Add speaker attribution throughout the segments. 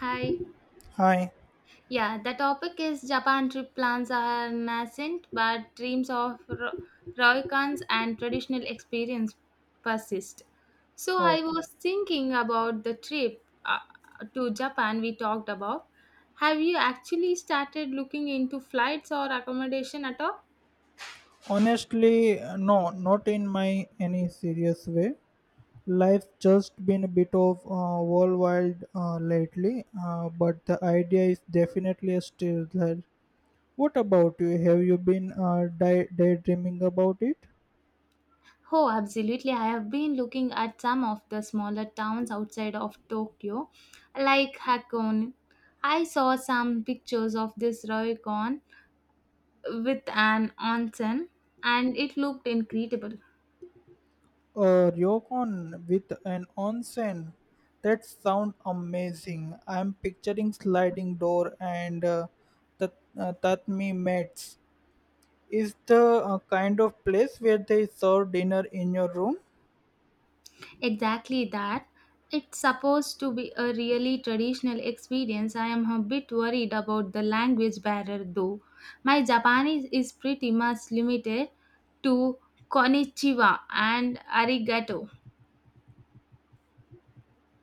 Speaker 1: Hi.
Speaker 2: Hi.
Speaker 1: Yeah, the topic is Japan trip plans are nascent, but dreams of ryokans and traditional experience persist. So I
Speaker 2: Okay.
Speaker 1: was thinking about the trip to Japan we talked about. Have you actually started looking into flights or accommodation at all?
Speaker 2: Honestly, no, not in my any serious way. Life's just been a bit of worldwide lately, but the idea is definitely still there. What about you? Have you been daydreaming about it?
Speaker 1: Oh, absolutely. I have been looking at some of the smaller towns outside of Tokyo, like Hakone. I saw some pictures of this ryokan with an onsen, and it looked incredible.
Speaker 2: A ryokan with an onsen. That sound amazing. I'm picturing sliding door and tatami mats. Is the kind of place where they serve dinner in your room.
Speaker 1: Exactly that. It's supposed to be a really traditional experience. I am a bit worried about the language barrier though. My Japanese is pretty much limited to konnichiwa and arigato.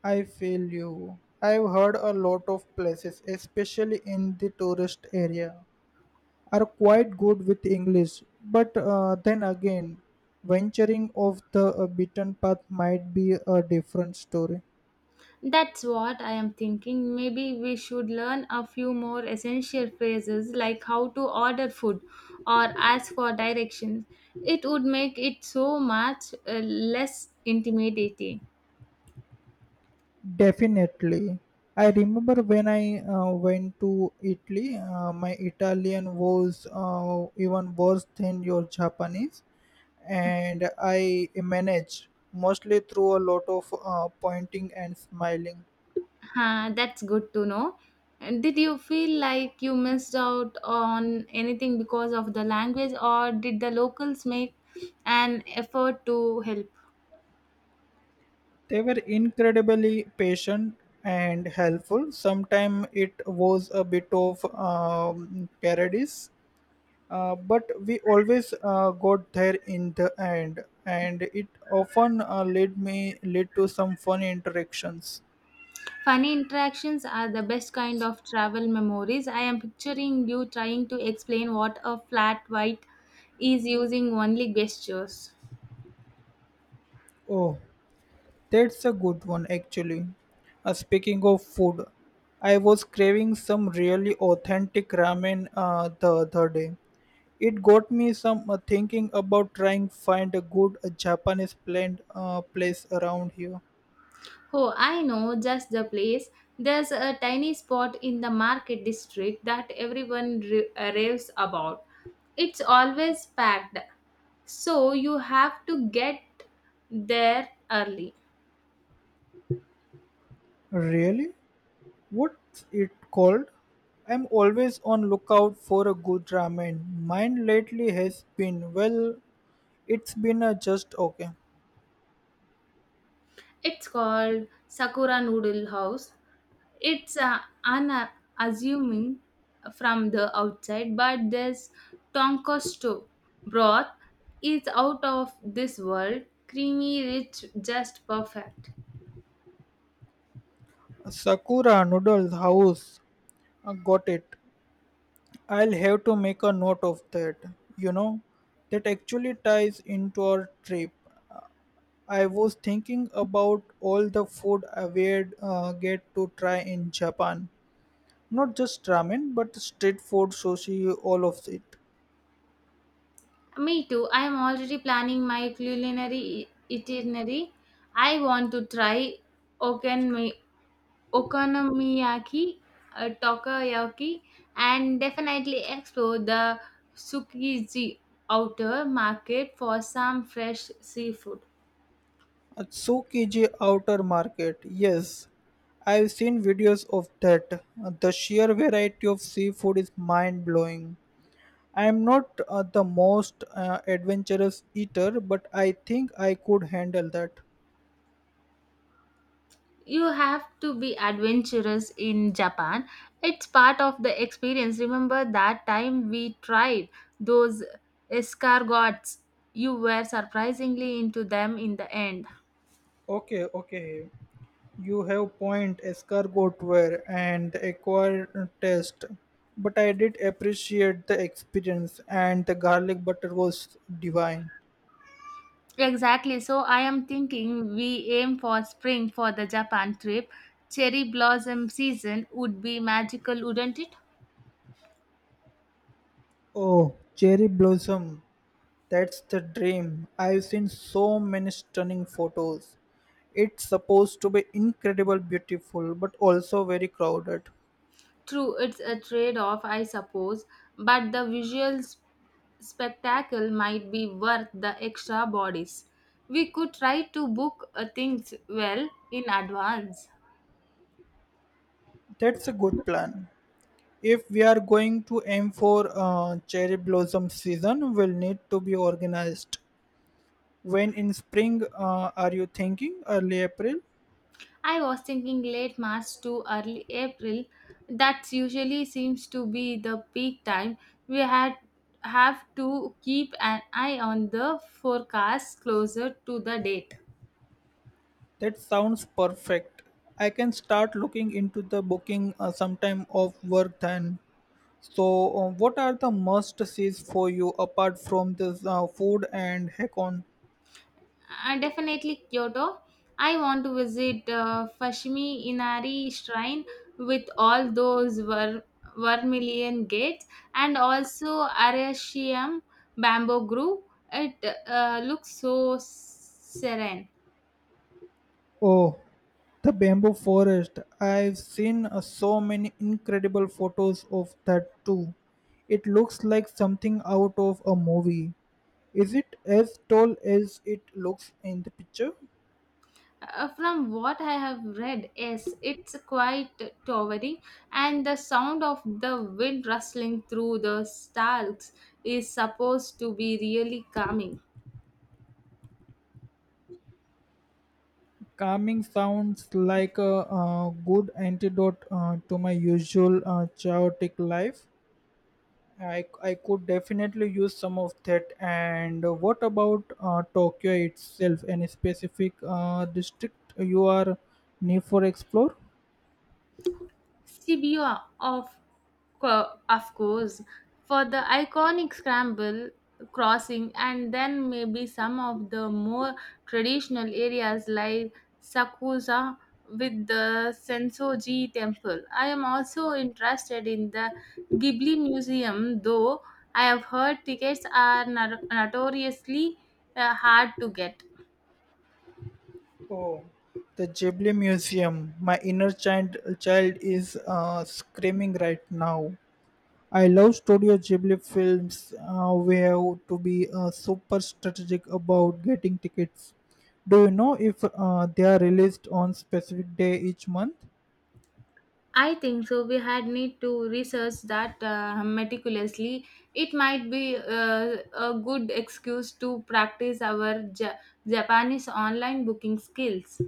Speaker 2: I feel you. I've heard a lot of places, especially in the tourist area, are quite good with English. But then again, venturing off the beaten path might be a different story.
Speaker 1: That's what I am thinking. Maybe we should learn a few more essential phrases, like how to order food or ask for directions. It would make it so much less intimidating.
Speaker 2: Definitely. I remember when I went to Italy, my Italian was even worse than your Japanese, and I managed mostly through a lot of pointing and smiling.
Speaker 1: Huh, that's good to know. And did you feel like you missed out on anything because of the language, or did the locals make an effort to help?
Speaker 2: They were incredibly patient and helpful. Sometimes it was a bit of parodies but we always got there in the end, and it often led to some fun interactions.
Speaker 1: Funny interactions are the best kind of travel memories. I am picturing you trying to explain what a flat white is using only gestures.
Speaker 2: Oh, that's a good one actually. Speaking of food, I was craving some really authentic ramen the other day. It got me some thinking about trying find a good japanese plant place around here.
Speaker 1: Oh, I know just the place. There's a tiny spot in the market district that everyone raves about. It's always packed, so you have to get there early.
Speaker 2: Really. What's it called? I'm always on lookout for a good ramen. Mine lately has been, well, it's been a just okay.
Speaker 1: It's called Sakura Noodle House. It's unassuming from the outside, but this Tonkosto broth is out of this world. Creamy, rich, just perfect.
Speaker 2: Sakura Noodles House. Got it. I'll have to make a note of that. You know, that actually ties into our trip. Uh, I was thinking about all the food I would get to try in Japan. Not just ramen, but street food, sushi, all of it.
Speaker 1: Me too. I am already planning my culinary itinerary. I want to try okanmi- okonomiyaki, takoyaki, and definitely explore the Tsukiji outer market for some fresh seafood.
Speaker 2: At Tsukiji outer market, yes, I've seen videos of that. The sheer variety of seafood is mind blowing. I'm not the most adventurous eater, but I think I could handle that.
Speaker 1: You have to be adventurous in Japan. It's part of the experience. Remember that time we tried those escargots? You were surprisingly into them in the end.
Speaker 2: Okay, okay. You have point escargot ware and acquired taste, but I did appreciate the experience, and the garlic butter was divine.
Speaker 1: Exactly. So I am thinking we aim for spring for the Japan trip. Cherry blossom season would be magical, wouldn't it?
Speaker 2: Oh, cherry blossom. That's the dream. I've seen so many stunning photos. It's supposed to be incredible beautiful but also very crowded.
Speaker 1: True, it's a trade off, I suppose, but the visual spectacle might be worth the extra bodies. We could try to book things well in advance.
Speaker 2: That's a good plan. If we are going to aim for cherry blossom season, we'll need to be organized. When in spring are you thinking? Early April?
Speaker 1: I was thinking late March to early April. That usually seems to be the peak time. We had have to keep an eye on the forecast closer to the date.
Speaker 2: That sounds perfect. I can start looking into the booking sometime of work then. So, what are the must sees for you apart from this food and Hakon?
Speaker 1: Definitely Kyoto. I want to visit Fushimi Inari Shrine with all those vermilion gates, and also Arashiyam Bamboo Grove. It looks so serene.
Speaker 2: Oh, the bamboo forest. I've seen so many incredible photos of that too. It looks like something out of a movie. Is it as tall as it looks in the picture?
Speaker 1: From what I have read, yes, it's quite towering, and the sound of the wind rustling through the stalks is supposed to be really calming.
Speaker 2: Calming sounds like a, good antidote to my usual chaotic life. I could definitely use some of that. And what about Tokyo itself? Any specific district you are need for explore?
Speaker 1: Stibio, of, of course, for the iconic scramble crossing, and then maybe some of the more traditional areas like Sakusa with the Sensoji temple. I am also interested in the Ghibli Museum, though I have heard tickets are notoriously hard to get.
Speaker 2: Oh, the Ghibli Museum. My inner child is screaming right now. I love Studio Ghibli films. We have to be super strategic about getting tickets. Do you know if they are released on specific day each month?
Speaker 1: I think so. We had need to research that meticulously. It might be a good excuse to practice our Japanese online booking skills.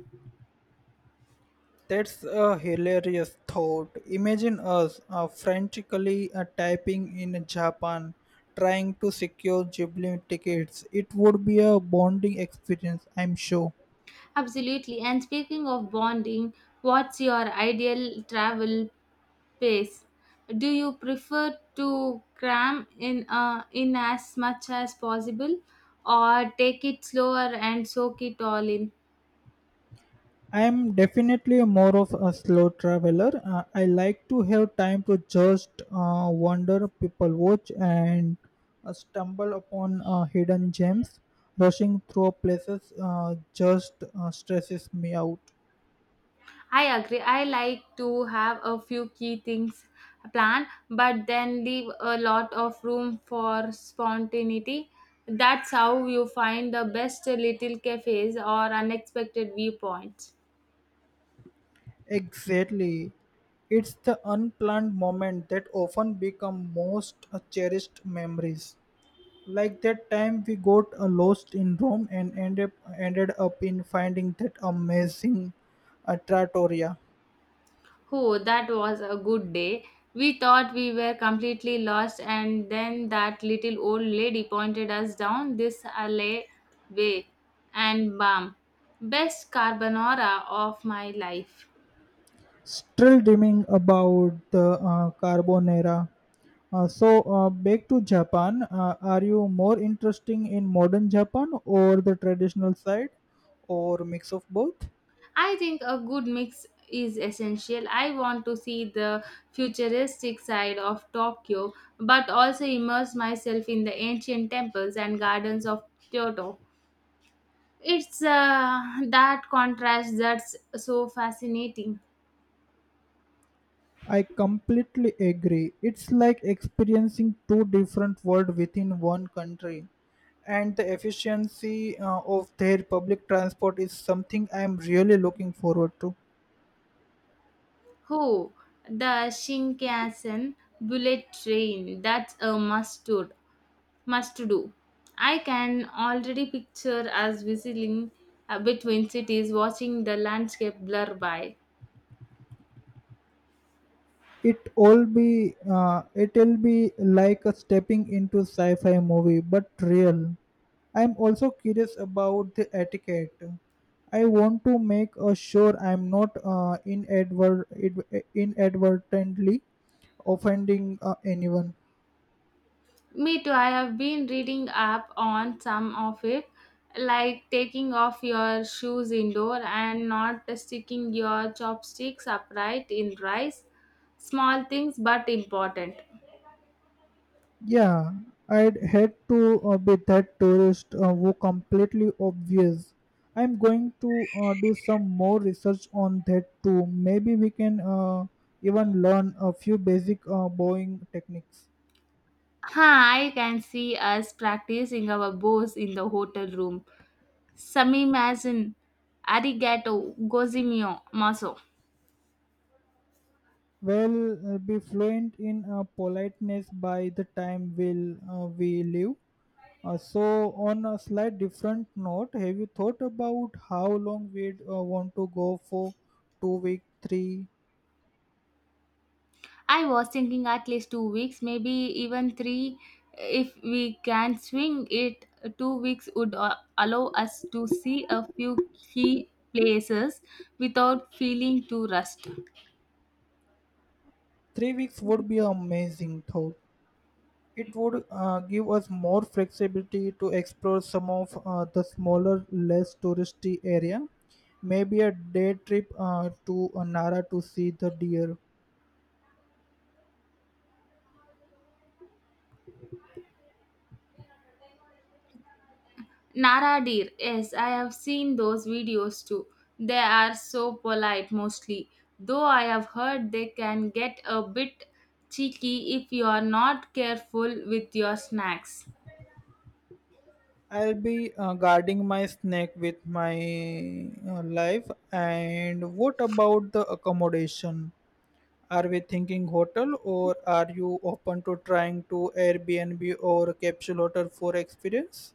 Speaker 2: That's a hilarious thought. Imagine us frantically typing in Japan, trying to secure Ghibli tickets. It would be a bonding experience, I'm sure.
Speaker 1: Absolutely. And speaking of bonding, what's your ideal travel pace? Do you prefer to cram in as much as possible, or take it slower and soak it all in?
Speaker 2: I'm definitely more of a slow traveler. I like to have time to just wander, people watch, and stumble upon hidden gems. Rushing through places just stresses me out.
Speaker 1: I agree. I like to have a few key things planned, but then leave a lot of room for spontaneity. That's how you find the best little cafes or unexpected viewpoints.
Speaker 2: Exactly. It's the unplanned moment that often become most cherished memories. Like that time we got lost in Rome and ended up in finding that amazing trattoria.
Speaker 1: Oh, that was a good day. We thought we were completely lost, and then that little old lady pointed us down this alleyway, way, and bam, best carbonara of my life.
Speaker 2: Still dreaming about the carbonara. So back to Japan. Are you more interested in modern Japan or the traditional side, or mix of both?
Speaker 1: I think a good mix is essential. I want to see the futuristic side of Tokyo, but also immerse myself in the ancient temples and gardens of Kyoto. It's that contrast that's so fascinating.
Speaker 2: I completely agree. It's like experiencing two different worlds within one country. And the efficiency of their public transport is something I am really looking forward to.
Speaker 1: Who? The Shinkansen bullet train. That's a must do. Must do. I can already picture us whistling between cities, watching the landscape blur by.
Speaker 2: It'll be like a stepping into sci-fi movie, but real. I'm also curious about the etiquette. I want to make sure I'm not inadvertently offending anyone.
Speaker 1: Me too. I have been reading up on some of it, like taking off your shoes indoor and not sticking your chopsticks upright in rice. Small things but important.
Speaker 2: Yeah, I'd had to be that tourist who completely obvious. I'm going to do some more research on that too. Maybe we can even learn a few basic bowing techniques.
Speaker 1: Huh, I can see us practicing our bows in the hotel room. Sami Samimazin, arigato, gozimio, maso.
Speaker 2: Well, be fluent in politeness by the time we'll, we leave. So, on a slight different note, have you thought about how long we'd want to go for? Two-week, three?
Speaker 1: I was thinking at least 2 weeks, maybe even three. If we can swing it, 2 weeks would allow us to see a few key places without feeling too rushed.
Speaker 2: Three weeks would be amazing, though. It would give us more flexibility to explore some of the smaller, less touristy area. Maybe a day trip to Nara to see the deer.
Speaker 1: Nara deer, yes, I have seen those videos too. They are so polite mostly, though I have heard they can get a bit cheeky if you are not careful with your snacks.
Speaker 2: I'll be guarding my snake with my life. And what about the accommodation? Are we thinking hotel or are you open to trying to Airbnb or capsule hotel for experience?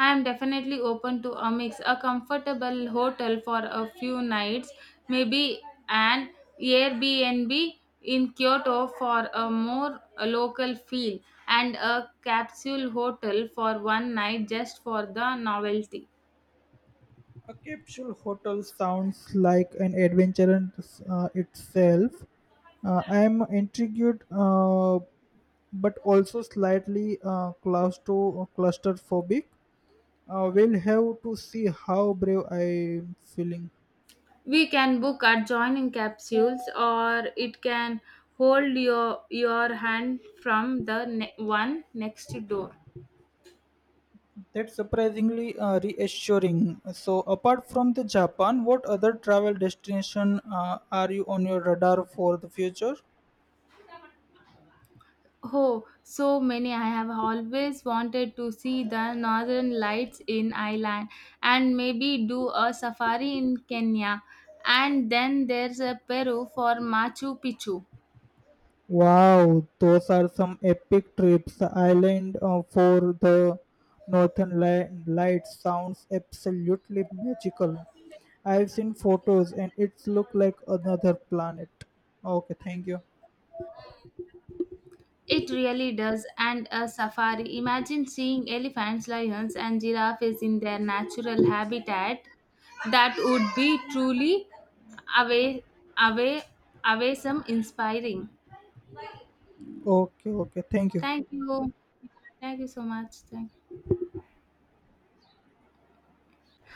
Speaker 1: I am definitely open to a mix, a comfortable hotel for a few nights, maybe an Airbnb in Kyoto for a more local feel, and a capsule hotel for one night just for the novelty.
Speaker 2: A capsule hotel sounds like an adventure in itself. I am intrigued, but also slightly claustrophobic. We'll have to see how brave I'm feeling.
Speaker 1: We can book adjoining capsules, or it can hold your hand from the one next door.
Speaker 2: That's surprisingly reassuring. So, apart from the Japan, what other travel destination are you on your radar for the future?
Speaker 1: Oh, so many. I have always wanted to see the northern lights in Ireland and maybe do a safari in Kenya. And then there's a Peru for Machu Picchu.
Speaker 2: Wow, those are some epic trips. Island for the Lights sounds absolutely magical. I've seen photos and it's look like another planet. Okay, thank you.
Speaker 1: It really does. And a safari. Imagine seeing elephants, lions, and giraffes in their natural habitat. That would be truly away, away, away some inspiring.
Speaker 2: Okay, okay, thank you.
Speaker 1: Thank you. Thank you so much. Thank you.